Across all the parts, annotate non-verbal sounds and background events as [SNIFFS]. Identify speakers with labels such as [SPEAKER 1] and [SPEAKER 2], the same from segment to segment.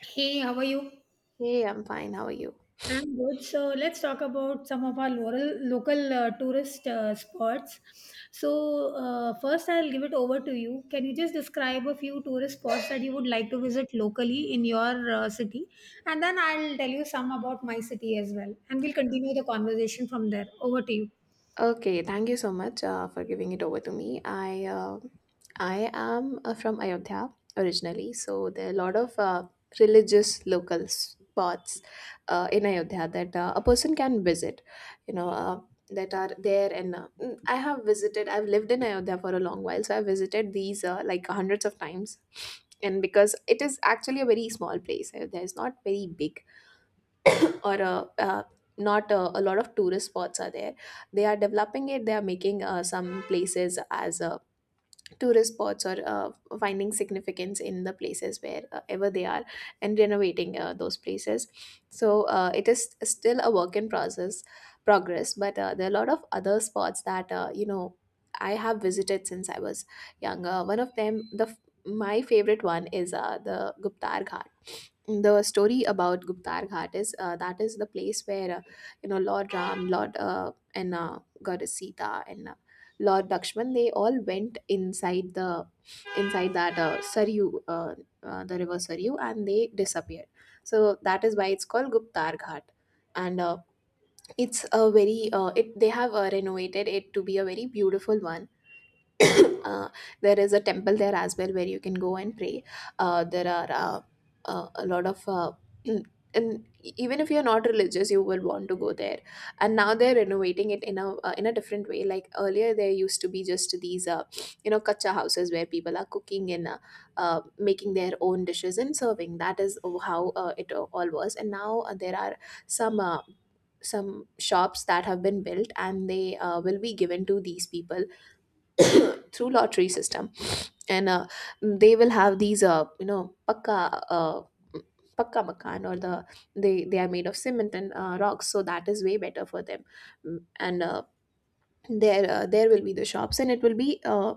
[SPEAKER 1] Hey, how are you?
[SPEAKER 2] Hey, I'm fine. How are you?
[SPEAKER 1] I'm good. So let's talk about some of our local tourist spots. So first, I'll give it over to you. Can you just describe a few tourist spots that you would like to visit locally in your city, and then I'll tell you some about my city as well, and we'll continue the conversation from there. Over to you.
[SPEAKER 2] Okay, thank you so much for giving it over to me. I am from Ayodhya originally, so there are a lot of religious local spots in Ayodhya that a person can visit. You know. Uh, that are there and I have visited I've lived in Ayodhya for a long while, so I've visited these like hundreds of times, and because it is actually a very small place. Ayodhya is not very big, or not a lot of tourist spots are there. They are developing it. They are making some places as tourist spots, or finding significance in the places where ever they are and renovating those places. So it is still a work in process progress but there are a lot of other spots that I have visited since I was younger. One of them, my favorite one, is the guptar Ghat. The story about Guptar Ghat is that is the place where Lord Ram, Lord and Goddess Sita and Lord Lakshman, they all went inside that the river Saryu, and they disappeared. So that is why it's called Guptar Ghat, and it's a very it they have renovated it to be a very beautiful one. [COUGHS] uh, there is a temple there as well where you can go and pray. There are a lot of [CLEARS THROAT] And even if you're not religious, you will want to go there. And now they're renovating it in a different way. Like earlier, there used to be just these kacha houses where people are cooking and making their own dishes and serving. That is how it all was. And now there are some uh, some shops that have been built, and they will be given to these people [COUGHS] [CLEARS THROAT] through lottery system. And they will have these pakka uh, pakka makan, or they are made of cement and rocks, so that is way better for them. Mm, and There there will be the shops, and it will be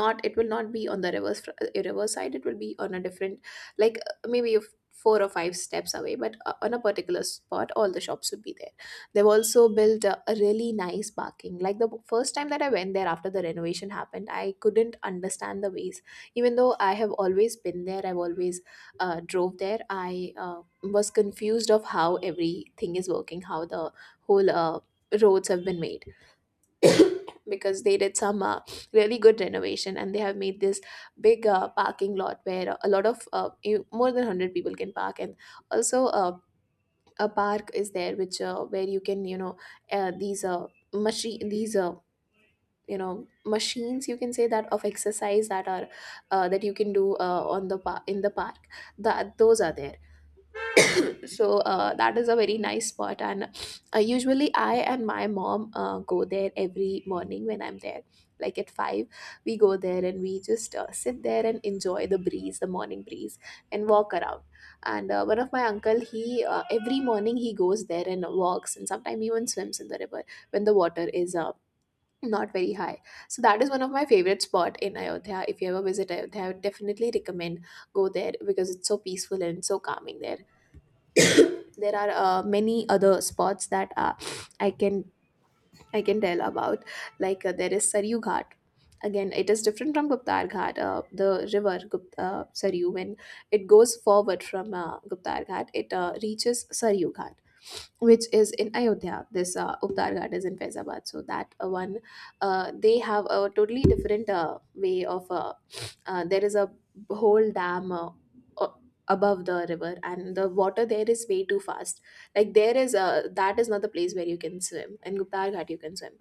[SPEAKER 2] not it will not be on the reverse side. It will be on a different, like four or five steps away, but on a particular spot all the shops would be there. They've also built a really nice parking. Like the first time that I went there after the renovation happened, I couldn't understand the ways. Even though I have always been there, I've always drove there, I was confused of how everything is working, how the whole roads have been made, because they did some really good renovation, and they have made this big parking lot where a lot of more than 100 people can park. And also a park is there, which where you can, you know, uh, these uh, machine these uh, machines you can say, that of exercise that are that you can do in the park, that those are there. So that is a very nice spot. And usually I and my mom go there every morning when I'm there, like at 5. We go there and we just sit there and enjoy the breeze, the morning breeze, and walk around. And one of my uncle, he every morning he goes there and walks, and sometimes even swims in the river when the water is not very high. So that is one of my favorite spot in Ayodhya. If you ever visit Ayodhya, I would definitely recommend, go there because it's so peaceful and so calming there. There are many other spots that i can I can tell about, like there is saryu ghat. Again, it is different from guptar ghat. Saryu, when it goes forward from guptar ghat, it reaches saryu ghat, which is in Ayodhya. This Uptar Ghat is in Faizabad. So that one, they have a totally different way of. There is a whole dam, a- above the river, and the water there is way too fast. Like there is a, that is not the place where you can swim. In Uptar Ghat, you can swim.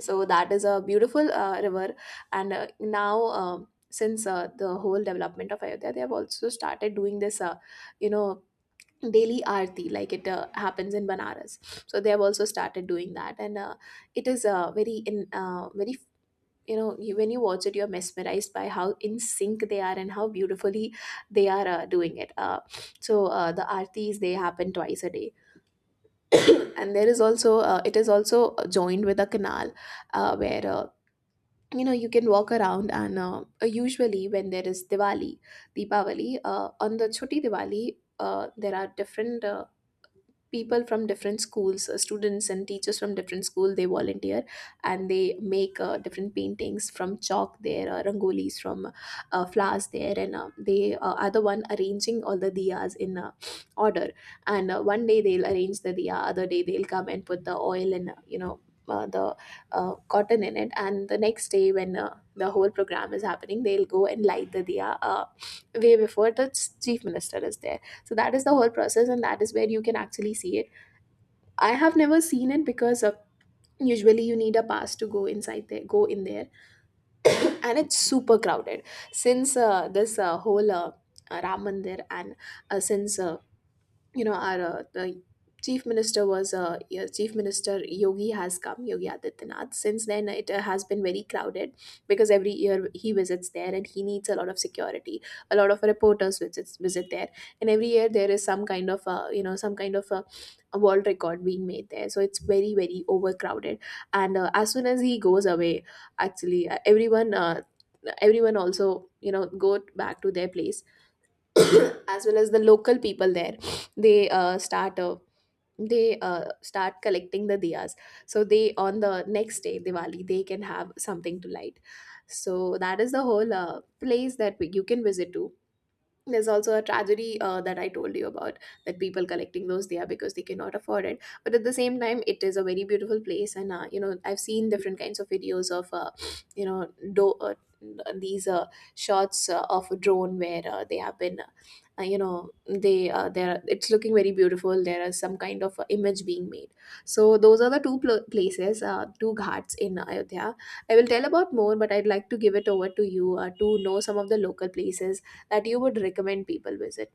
[SPEAKER 2] So that is a beautiful river. And now, um since the whole development of Ayodhya, they have also started doing this, you know, daily aarti, like it happens in Banaras. So they have also started doing that. And it is very, you know, when you watch it, you're mesmerized by how in sync they are and how beautifully they are doing it. So the aartis, they happen twice a day. [COUGHS] [CLEARS THROAT] And there is also it is also joined with a canal where you can walk around. And usually when there is Diwali, Deepavali, on the Choti Diwali, there are different people from different schools, students and teachers from different school, they volunteer, and they make different paintings from chalk there, rangolis from flowers there. And they are the one arranging all the diyas in order. And one day they'll arrange the diya, other day they'll come and put the oil, and you know the cotton in it. And the next day, when the whole program is happening, they'll go and light the diya way before the chief minister is there. So that is the whole process, and that is where you can actually see it. I have never seen it because usually you need a pass to go inside there, go in there, and it's super crowded. Since this whole Ram Mandir and since you know our the chief minister was yeah, chief minister Yogi has come, Yogi Adityanath. Since then it has been very crowded because every year he visits there and he needs a lot of security. A lot of reporters visit there. And every year there is some kind of some kind of a world record being made there, so it's very overcrowded. And as soon as he goes away, actually everyone also, you know, go back to their place, [CLEARS THROAT] as well as the local people there, they start they start collecting the diyas, so they on the next day Diwali they can have something to light. So that is the whole place that you can visit to. There's also a tragedy that I told you about, that people collecting those there because they cannot afford it. But at the same time, it is a very beautiful place. And I've seen different kinds of videos of you know do, these shots of a drone where they have been you know they there, it's looking very beautiful. There is some kind of image being made. So those are the places, two ghats in Ayodhya. I will tell about more, but I'd like to give it over to you to know some of the local places that you would recommend people visit?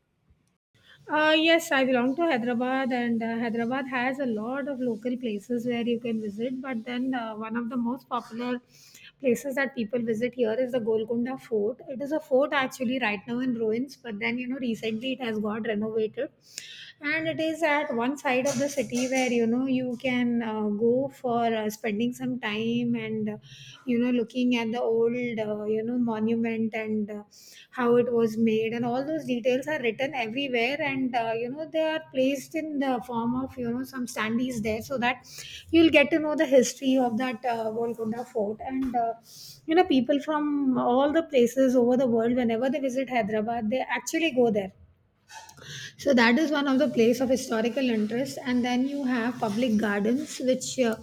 [SPEAKER 1] Yes, I belong to Hyderabad, and Hyderabad has a lot of local places where you can visit. But then, one of the most popular places that people visit here is the Golconda Fort. It is a fort actually right now in ruins, but then, you know, recently it has got renovated and it is at one side of the city where you know you can go for spending some time and you know looking at the old you know monument and how it was made, and all those details are written everywhere and you know they are placed in the form of you know some standees there so that you'll get to know the history of that Golconda Fort. And you know people from all the places over the world, whenever they visit Hyderabad, they actually go there. So that is one of the place of historical interest. And then you have public gardens, which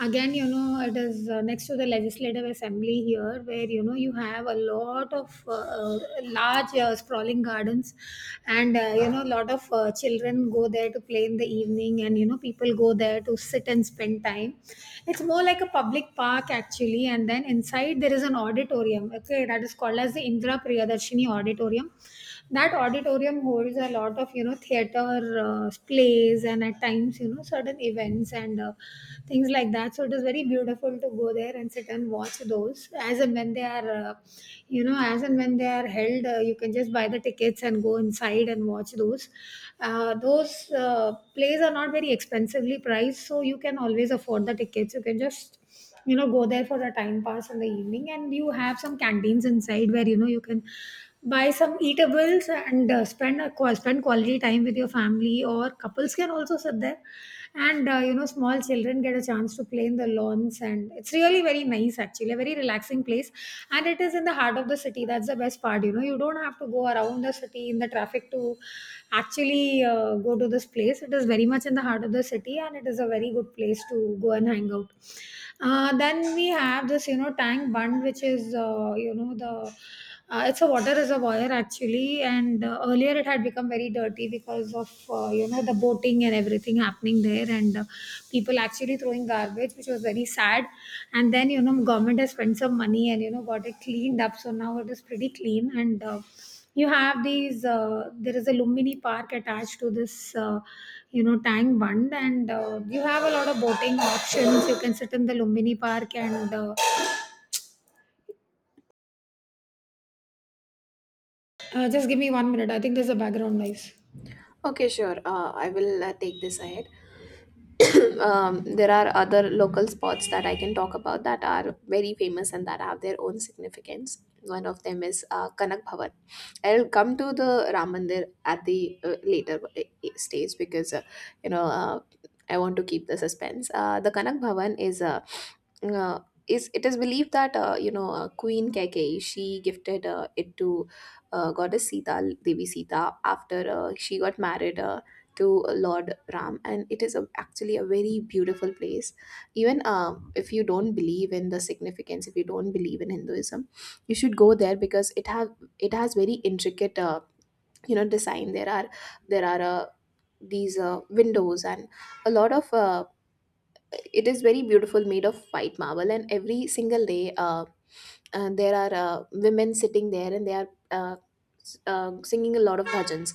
[SPEAKER 1] again, you know, it is next to the legislative assembly here, where you know you have a lot of large sprawling gardens, and you know, a lot of children go there to play in the evening, and you know, people go there to sit and spend time. It's more like a public park actually, and then inside there is an auditorium. Okay, that is called as the Indra Priyadarshini Auditorium. That auditorium holds a lot of you know theater plays, and at times you know certain events and things like that. So it is very beautiful to go there and sit and watch those as and when they are you know as and when they are held. You can just buy the tickets and go inside and watch those plays. Are not very expensively priced, so you can always afford the tickets. You can just you know go there for the time pass in the evening, and you have some canteens inside where you know you can buy some eatables and spend a, spend quality time with your family, or couples can also sit there. And you know small children get a chance to play in the lawns, and it's really very nice actually, a very relaxing place. And it is in the heart of the city, that's the best part. You know you don't have to go around the city in the traffic to actually go to this place. It is very much in the heart of the city, and it is a very good place to go and hang out. Then we have this you know Tank Bund, which is you know the it's a water reservoir actually, and earlier it had become very dirty because of you know the boating and everything happening there, and people actually throwing garbage, which was very sad. And then you know government has spent some money and you know got it cleaned up, so now it is pretty clean. And you have these there is a Lumbini Park attached to this you know Tang Bund, and you have a lot of boating options. You can sit in the Lumbini Park and just give me one minute. I think there's a background noise.
[SPEAKER 2] Okay, sure. I will take this ahead. [CLEARS THROAT] um, there are other local spots that I can talk about that are very famous and that have their own significance. One of them is Kanak Bhavan. I'll come to the Ram Mandir at the later stage because you know uh, I want to keep the suspense. The Kanak Bhavan is a uh, is it is believed that Queen Keikei, she gifted it to goddess Sita Devi Sita, after she got married to Lord Ram, and it is a, actually a very beautiful place. Even if you don't believe in the significance, if you don't believe in Hinduism, you should go there because it has very intricate design. There are these windows and a lot of it is very beautiful, made of white marble, and every single day. There are women sitting there and they are singing a lot of bhajans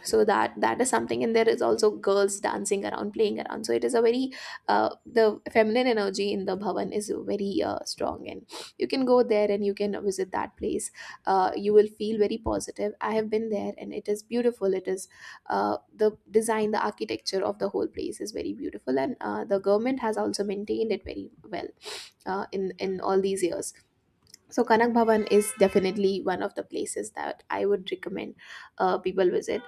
[SPEAKER 2] [COUGHS] so that is something, and there is also girls dancing around, playing around. So it is a very the feminine energy in the bhavan is very strong, and you can go there and you can visit that place. You will feel very positive. I have been there and it is beautiful. It is uh, the design, the architecture of the whole place is very beautiful, and the government has also maintained it very well in all these years. So Kanak Bhavan is definitely one of the places that I would recommend people visit.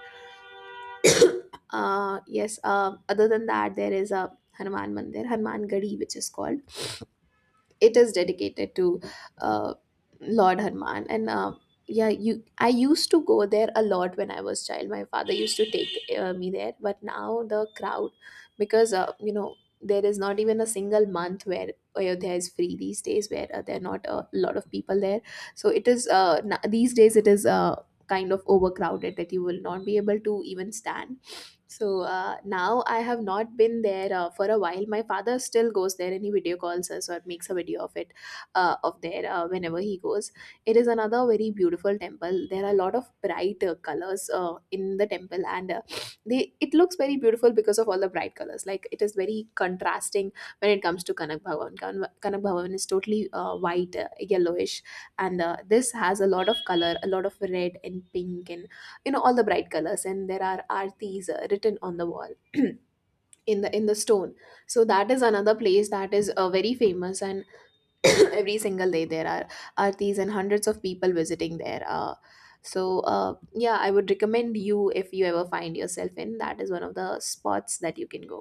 [SPEAKER 2] Yes, other than that, there is a Hanuman Mandir, Hanuman Gadi, which is called. It is dedicated to uh, Lord Hanuman. And yeah, you I used to go there a lot when I was child. My father used to take me there, but now the crowd, because you know, there is not even a single month where Ayodhya is free these days, where there are not a lot of people there. So it is these days it is kind of overcrowded that you will not be able to even stand. So now I have not been there for a while. My father still goes there and he video calls us or makes a video of it of there whenever he goes. It is another very beautiful temple. There are a lot of bright colors in the temple, and [SNIFFS] they it looks very beautiful because of all the bright colors. Like, it is very contrasting when it comes to Kanak Bhavan. Kanak Bhavan is totally white, yellowish, and this has a lot of color, a lot of red and pink and you know all the bright colors, and there are artis written on the wall [CLEARS THROAT] in the stone. So that is another place that is very famous. And [CLEARS THROAT] every single day there are artis and hundreds of people visiting there. So uh, yeah, I would recommend you, if you ever find yourself in, that is one of the spots that you can go.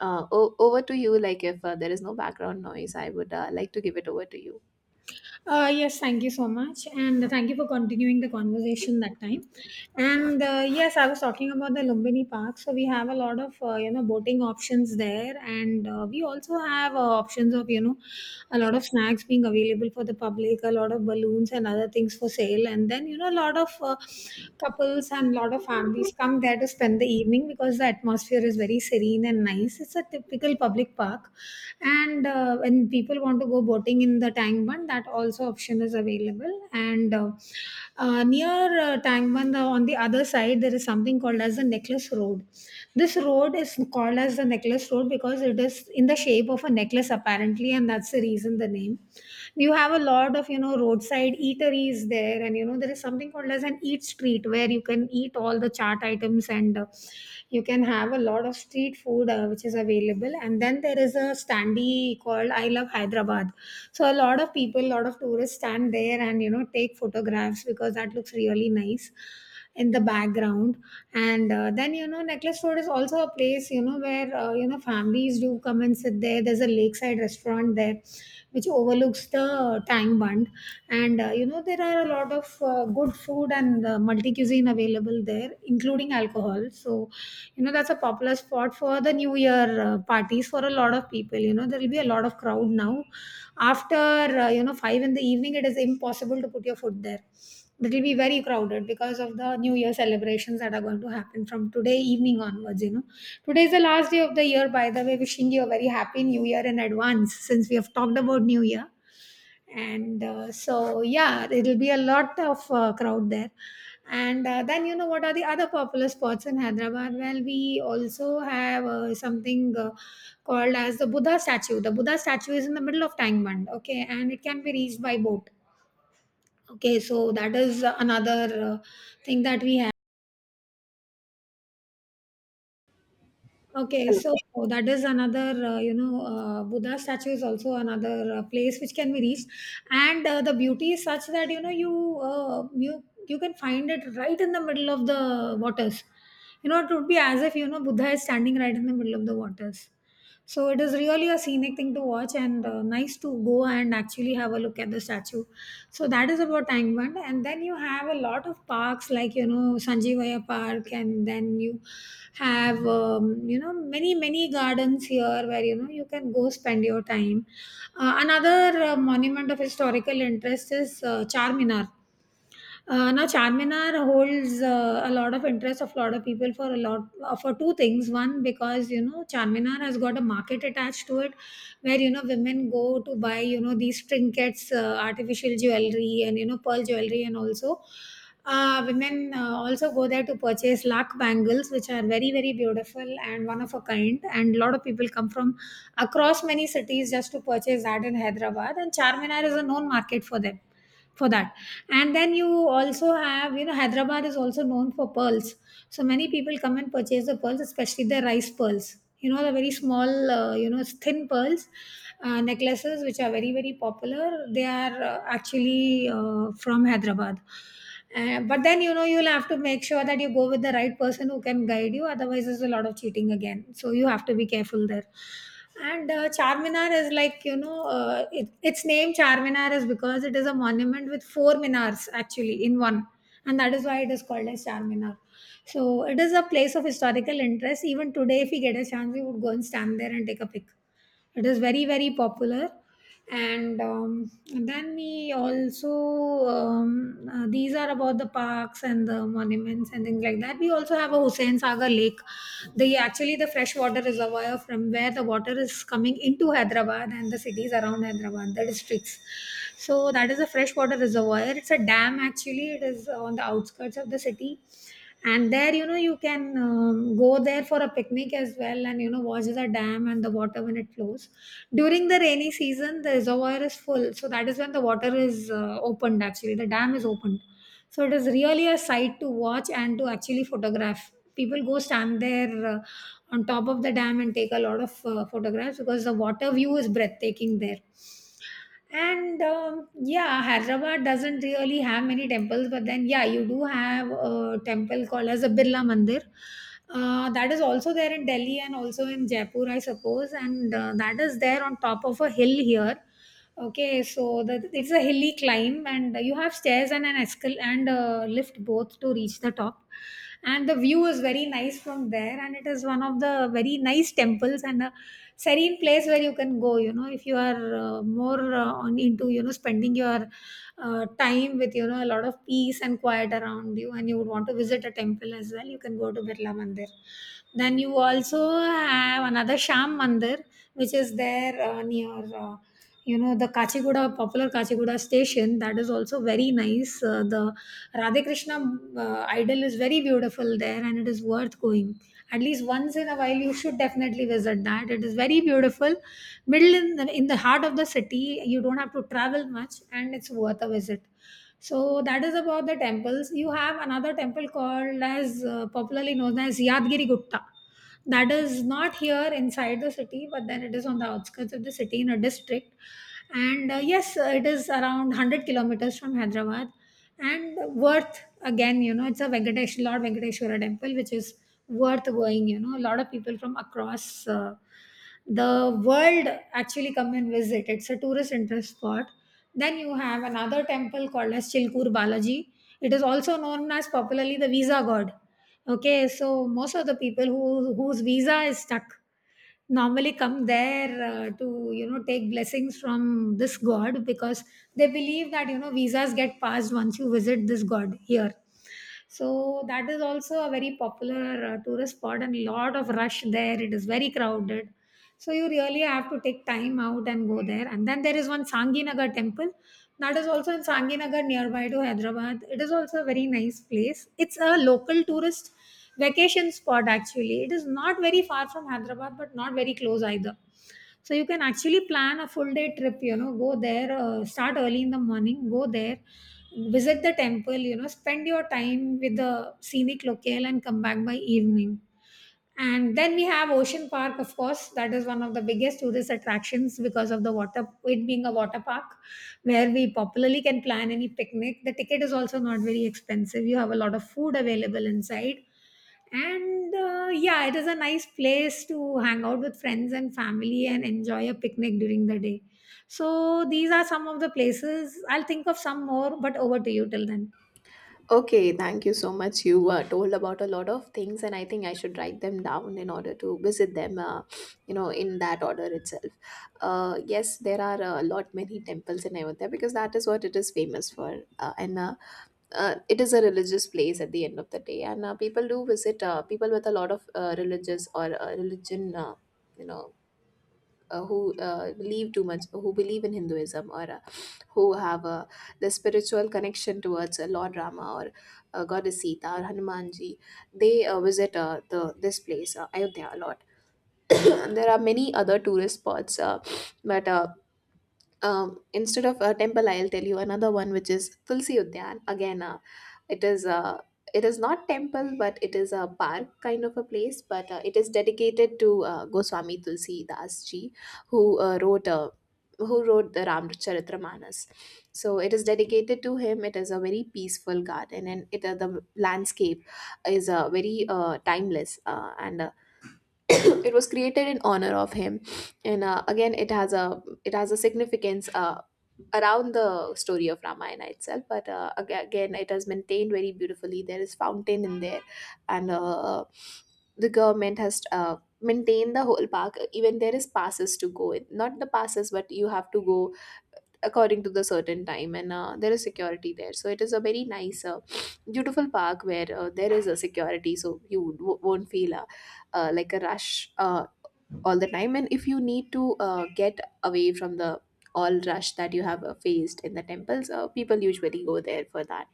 [SPEAKER 2] Over to you. Like, if there is no background noise, I would like to give it over to you.
[SPEAKER 1] Yes, thank you so much. And thank you for continuing the conversation that time. And yes, I was talking about the Lumbini Park. So we have a lot of, you know, boating options there. And we also have options of, you know, a lot of snacks being available for the public, a lot of balloons and other things for sale. And then, you know, a lot of couples and a lot of families come there to spend the evening because the atmosphere is very serene and nice. It's a typical public park. And when people want to go boating in the Tangban, that also option is available. And near Tangban, on the other side, there is something called as the Necklace Road. This road is called as the Necklace Road because it is in the shape of a necklace, apparently, and that's the reason the name. You have a lot of you know roadside eateries there, and you know there is something called as an eat street where you can eat all the chart items, and you can have a lot of street food which is available. And then there is a standee called I love Hyderabad. So a lot of people, a lot of tourists stand there and you know take photographs because that looks really nice in the background. And then you know Necklace Road is also a place you know where you know families do come and sit there. There's a lakeside restaurant there which overlooks the Tang Bund. And you know, there are a lot of good food and multi cuisine available there, including alcohol. So, you know, that's a popular spot for the New Year parties for a lot of people. You know, there will be a lot of crowd now. After, you know, five in the evening, it is impossible to put your foot there. It'll be very crowded because of the New Year celebrations that are going to happen from today evening onwards. You know, today is the last day of the year. By the way, wishing you a very happy New Year in advance, since we have talked about New Year. And so, yeah, it'll be a lot of crowd there. And then, you know, what are the other popular spots in Hyderabad? Well, we also have something called as the Buddha statue. The Buddha statue is in the middle of Tangmand, okay, and it can be reached by boat. Okay, so that is another thing that we have. Okay, so that is another, you know, Buddha statue is also another place which can be reached, and the beauty is such that you know you can find it right in the middle of the waters. You know, it would be as if you know Buddha is standing right in the middle of the waters. So it is really a scenic thing to watch, and nice to go and actually have a look at the statue. So that is about Tangband. And then you have a lot of parks like, you know, Sanjeevaya Park. And then you have, you know, many, many gardens here where, you know, you can go spend your time. Another monument of historical interest is Charminar. Now, Charminar holds a lot of interest of a lot of people for a lot for two things. One, because you know Charminar has got a market attached to it, where you know women go to buy you know these trinkets, artificial jewelry, and you know pearl jewelry, and also women also go there to purchase lakh bangles, which are very very beautiful and one of a kind. And a lot of people come from across many cities just to purchase that in Hyderabad, and Charminar is a known market for them for that. And then you also have you know Hyderabad is also known for pearls. So many people come and purchase the pearls, especially the rice pearls, you know, the very small you know thin pearls necklaces which are very very popular. They are actually from Hyderabad. But then you know you'll have to make sure that you go with the right person who can guide you, otherwise there's a lot of cheating again, so you have to be careful there. And Charminar is like, you know, its name Charminar is because it is a monument with four minars actually in one. And that is why it is called as Charminar. So it is a place of historical interest. Even today, if we get a chance, we would go and stand there and take a pic. It is very, very popular. And then we also, these are about the parks and the monuments and things like that. We also have a Hussain Sagar Lake. The freshwater reservoir from where the water is coming into Hyderabad and the cities around Hyderabad, the districts. So that is a freshwater reservoir. It's a dam actually. It is on the outskirts of the city, and there, you know, you can go there for a picnic as well, and you know, watch the dam and the water when it flows. During the rainy season, the reservoir is full, so that is when the water is opened, actually the dam is opened. So it is really a sight to watch, and to actually photograph. People go stand there on top of the dam and take a lot of photographs because the water view is breathtaking there. And yeah, Hyderabad doesn't really have many temples, but then yeah, you do have a temple called as a Birla Mandir. That is also there in Delhi and also in Jaipur, I suppose, and that is there on top of a hill here. Okay, so it's a hilly climb, and you have stairs and an escal and lift both to reach the top, and the view is very nice from there, and it is one of the very nice temples and a serene place where you can go, you know, if you are more on into, you know, spending your time with, you know, a lot of peace and quiet around you, and you would want to visit a temple as well, you can go to Birla Mandir. Then you also have another Sham Mandir, which is there near uh, you know, the Kachigoda, popular Kachigoda station. That is also very nice. Uh, the Radhe Krishna idol is very beautiful there, and it is worth going at least once in a while. You should definitely visit that, it is very beautiful, middle in in the heart of the city. You don't have to travel much and it's worth a visit. So that is about the temples. You have another temple called as popularly known as Yadgiri Gupta. That is not here inside the city, but then it is on the outskirts of the city in a district. And yes, it is around 100 kilometers from Hyderabad, and worth again, you know, it's a Venkatesh, Lord Venkateshwara temple, which is worth going. You know, a lot of people from across the world actually come and visit. It's a tourist interest spot. Then you have another temple called as Chilkur Balaji. It is also known as popularly the visa god. Okay, so most of the people who, whose visa is stuck normally come there to, you know, take blessings from this god because they believe that, you know, visas get passed once you visit this god here. So that is also a very popular tourist spot, and lot of rush there. It is very crowded. So you really have to take time out and go there. And then there is one Sanginagar temple. That is also in Sanginagar, nearby to Hyderabad. It is also a very nice place. It's a local tourist vacation spot actually. It is not very far from Hyderabad, but not very close either, so you can actually plan a full day trip. You know, go there, start early in the morning, go there, visit the temple, you know, spend your time with the scenic locale and come back by evening. And then we have Ocean Park, of course. That is one of the biggest tourist attractions because of the water, it being a water park, where we popularly can plan any picnic. The ticket is also not very expensive, you have a lot of food available inside, and yeah, it is a nice place to hang out with friends and family and enjoy a picnic during the day. So these are some of the places. I'll think of some more, but over to you till then.
[SPEAKER 2] Okay, thank you so much. You told about a lot of things, and I think I should write them down in order to visit them, you know, in that order itself. Yes, there are a lot many temples in Ayodhya because that is what it is famous for, and it is a religious place at the end of the day, and people do visit people with a lot of religious or religion, you know, who believe too much, who believe in Hinduism, or who have a the spiritual connection towards Lord Rama or Goddess Sita or Hanumanji, they visit the this place Ayodhya a lot. [COUGHS] [CLEARS THROAT] There are many other tourist spots, but instead of a temple, I'll tell you another one, which is Tulsi Udyan. Again, it is a it is not temple, but it is a park kind of a place. But it is dedicated to Goswami Tulsi Das Ji, who wrote who wrote the Ramcharitramanas. So it is dedicated to him. It is a very peaceful garden, and it the landscape is very timeless. And [COUGHS] it was created in honor of him, and again it has a significance around the story of Ramayana itself. But again, it has maintained very beautifully. There is fountain in there, and the government has maintained the whole park. Even there is passes to go in, not the passes, but you have to go according to the certain time, and there is security there. So it is a very nice beautiful park where there is a security, so won't feel like a rush all the time. And if you need to get away from the all rush that you have faced in the temples, people usually go there for that.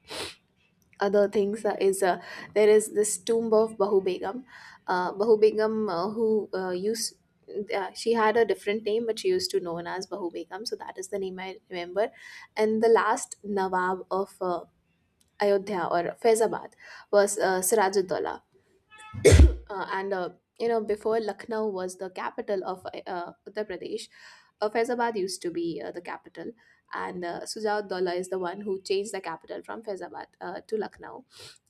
[SPEAKER 2] Other things is there is this tomb of Bahu Begum. Bahu Begum, who used she had a different name, but she used to known as Bahu Begum. So that is the name I remember. And the last Nawab of Ayodhya or Faizabad was Sirajuddaula, and you know, before Lucknow was the capital of Uttar Pradesh, Faizabad used to be the capital, and Sujauddollah is the one who changed the capital from Faizabad to Lucknow,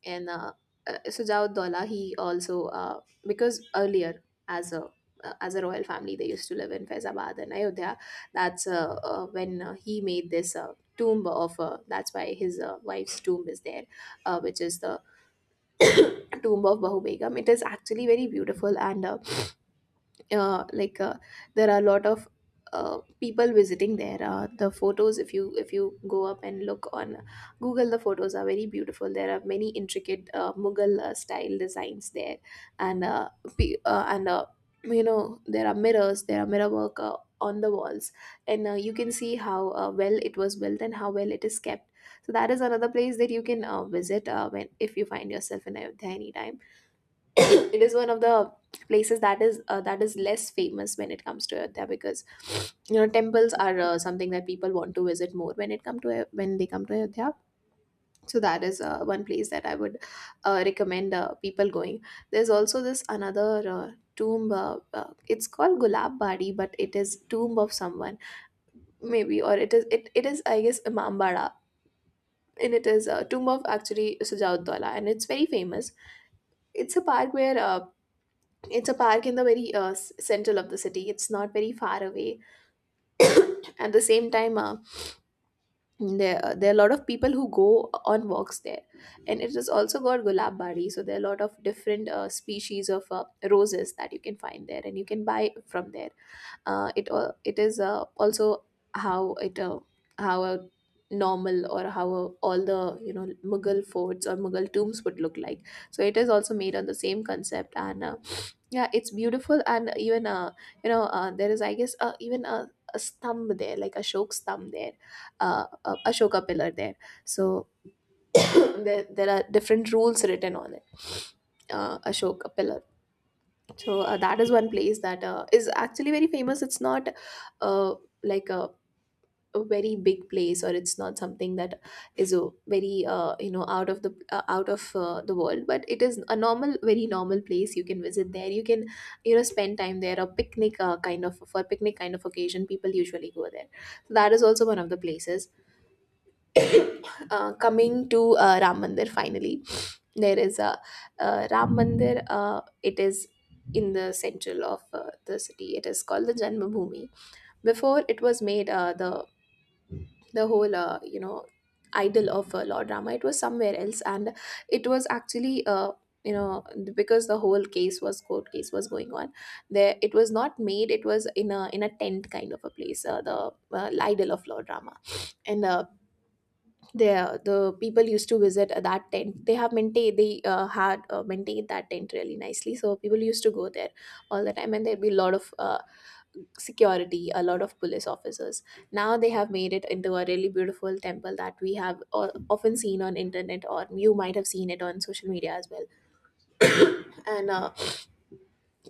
[SPEAKER 2] and Sujauddollah, he also because earlier as a royal family, they used to live in Faizabad and Ayodhya. That's when he made this. Tomb of that's why his wife's tomb is there, which is the tomb of Bahu Begum. It is actually very beautiful, and like, there are a lot of people visiting there. The photos, if you go up and look on Google, the photos are very beautiful. There are many intricate Mughal style designs there, and pe- uh, and uh, you know, there are mirrors, there are mirror work on the walls, and you can see how well it was built and how well it is kept. So that is another place that you can visit when, if you find yourself in Ayodhya anytime. [COUGHS] It is one of the places that is less famous when it comes to Ayodhya, because you know, temples are something that people want to visit more when it come to when they come to Ayodhya. So that is one place that I would recommend people going. There's also this another uh, tomb. It's called Gulab Bari, but it is tomb of someone maybe, or it is, I guess, Imam Bara, and it is a tomb of actually Sujaud Dawla, and it's very famous. It's a park where it's a park in the very central of the city. It's not very far away. [CLEARS THROAT] [COUGHS] At the same time, there are a lot of people who go on walks there, and it has also got Gulab Bari. So there are a lot of different species of roses that you can find there, and you can buy from there. It is also how it how a normal, or how a, all the you know Mughal forts or Mughal tombs would look like. So it is also made on the same concept. And yeah, it's beautiful. And even there is, I guess, even a stump there, like Ashok's thumb there, a Ashoka pillar there. So [CLEARS THROAT] there are different rules written on it, Ashoka pillar. So that is one place that is actually very famous. It's not uh, like a very big place, or it's not something that is a very you know, out of the world, but it is a normal, very normal place. You can visit there, you can you know spend time there. A picnic for picnic kind of occasion, people usually go there. So that is also one of the places. Coming to Ram Mandir finally, there is a Ram Mandir. It is in the central of the city. It is called the Janmabhoomi. Before it was made, the whole you know, idol of law drama it was somewhere else. And it was actually you know, because the whole case was court case was going on there, it was not made. It was in a tent kind of a place, the idol of law drama and there the people used to visit that tent. They have maintained, they had maintained that tent really nicely, so people used to go there all the time, and there'd be a lot of security, a lot of police officers. Now they have made it into a really beautiful temple that we have often seen on internet, or you might have seen it on social media as well. And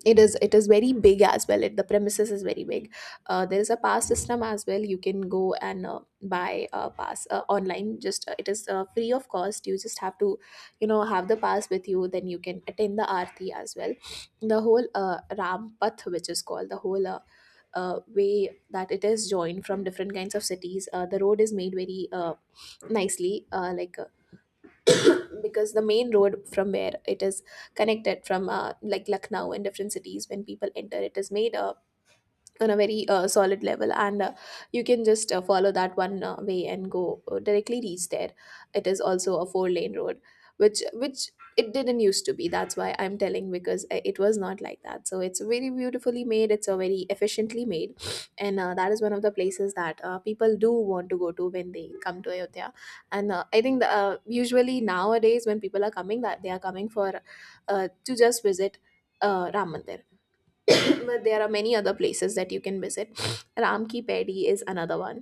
[SPEAKER 2] it is very big as well. It, the premises is very big. There is a pass system as well. You can go and buy a pass online. Just It is free of cost. You just have to have the pass with you, then you can attend the arti as well. The whole ram path, which is called the whole way that it is joined from different kinds of cities. The road is made very nicely, [CLEARS THROAT] because the main road from where it is connected from like Lucknow and different cities, when people enter, it is made on a very solid level, and you can just follow that one way and go directly reach there. It is also a four-lane road which it didn't used to be. That's why I'm telling, because it was not like that. So it's very beautifully made, it's a very efficiently made. And that is one of the places that people do want to go to when they come to ayodhya. And I think usually nowadays when people are coming, that they are coming for to just visit ram mandir. [COUGHS] [CLEARS THROAT] But there are many other places that you can visit. Ram Ki Pedi is another one.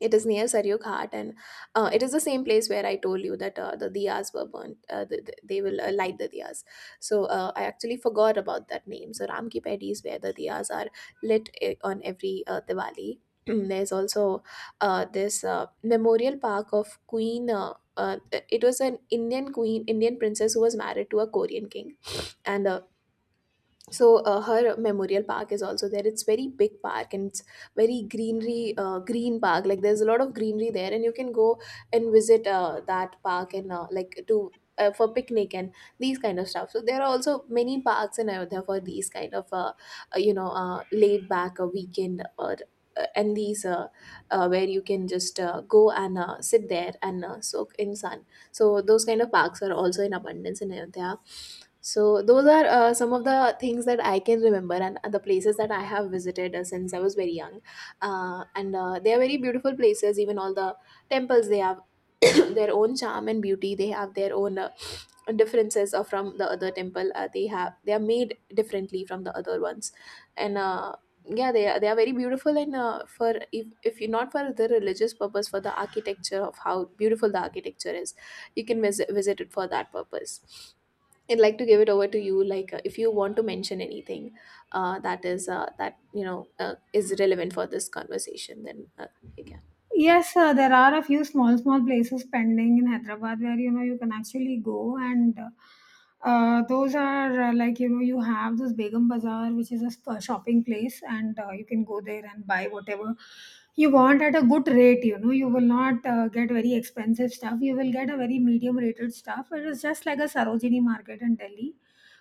[SPEAKER 2] It is near Saryu Ghat, and it is the same place where I told you that the diyas were burnt. They will light the diyas. So I actually forgot about that name. So Ram Ki Pedi is where the diyas are lit on every Diwali. [CLEARS THROAT] There's also this memorial park of Queen. It was an Indian queen, Indian princess who was married to a Korean king, and her memorial park is also there. It's very big park, and it's very greenery, green park, like there's a lot of greenery there, and you can go and visit that park, and like to for picnic and these kind of stuff. So there are also many parks in ayodhya for these kind of laid back a weekend or and these where you can just go and sit there and soak in sun. So those kind of parks are also in abundance in ayodhya. So those are some of the things that I can remember, and the places that I have visited since I was very young. And They are very beautiful places. Even all the temples, they have [COUGHS] [CLEARS THROAT] their own charm and beauty. They have their own differences from the other temple. They have, they are made differently from the other ones, and yeah, they are very beautiful. And for, if you, not for the religious purpose, for the architecture of how beautiful the architecture is, you can visit it for that purpose. I'd like to give it over to you, like if you want to mention anything that is relevant for this conversation, then you can.
[SPEAKER 1] Yes, there are a few small, small places pending in Hyderabad where, you know, you can actually go, and those are like, you know, you have this Begum Bazaar, which is a shopping place, and you can go there and buy whatever you want at a good rate. You know, you will not get very expensive stuff. You will get a very medium rated stuff. It is just like a Sarojini market in Delhi,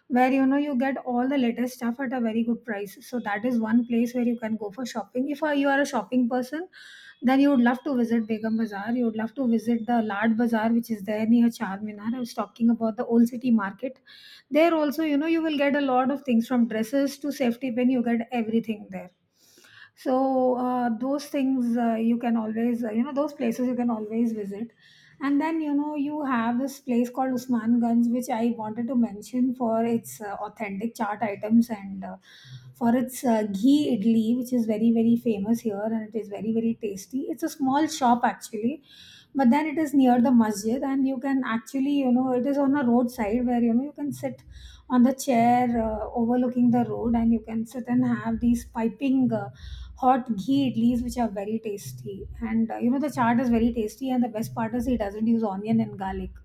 [SPEAKER 1] where, you know, you get all the latest stuff at a very good price. So that is one place where you can go for shopping. If you are a shopping person, then you would love to visit Begum Bazaar. You would love to visit the Lard Bazaar, which is there near Char Minar. I was talking about the old city market. There also, you know, you will get a lot of things from dresses to safety pin. You get everything there. So those things you can always, you know, those places you can always visit. And then, you know, you have this place called Usmanganj, which I wanted to mention for its authentic chaat items, and for its ghee idli, which is very, very famous here, and it is very, very tasty. It's a small shop actually, but then it is near the masjid, and you can actually, you know, it is on a roadside where, you know, you can sit on the chair overlooking the road, and you can sit and have these piping hot ghee idlis, which are very tasty. And you know, the chaat is very tasty, and the best part is he doesn't use onion and garlic.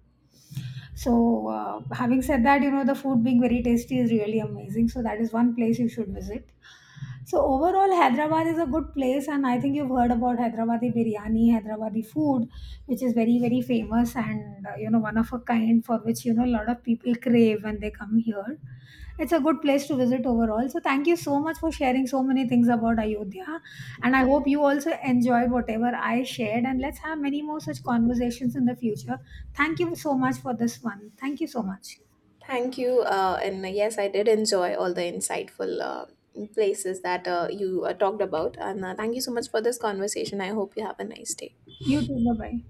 [SPEAKER 1] So, having said that, you know, the food being very tasty is really amazing. So, that is one place you should visit. So, overall, Hyderabad is a good place, and I think you've heard about Hyderabadi biryani, Hyderabadi food, which is very, very famous, and, you know, one of a kind, for which, you know, a lot of people crave when they come here. It's a good place to visit overall. So, thank you so much for sharing so many things about Ayodhya. And I hope you also enjoyed whatever I shared. And let's have many more such conversations in the future. Thank you so much for this one. Thank you so much.
[SPEAKER 2] Thank you and yes, I did enjoy all the insightful places that you talked about, and thank you so much for this conversation. I hope you have a nice day.
[SPEAKER 1] You too. Bye bye.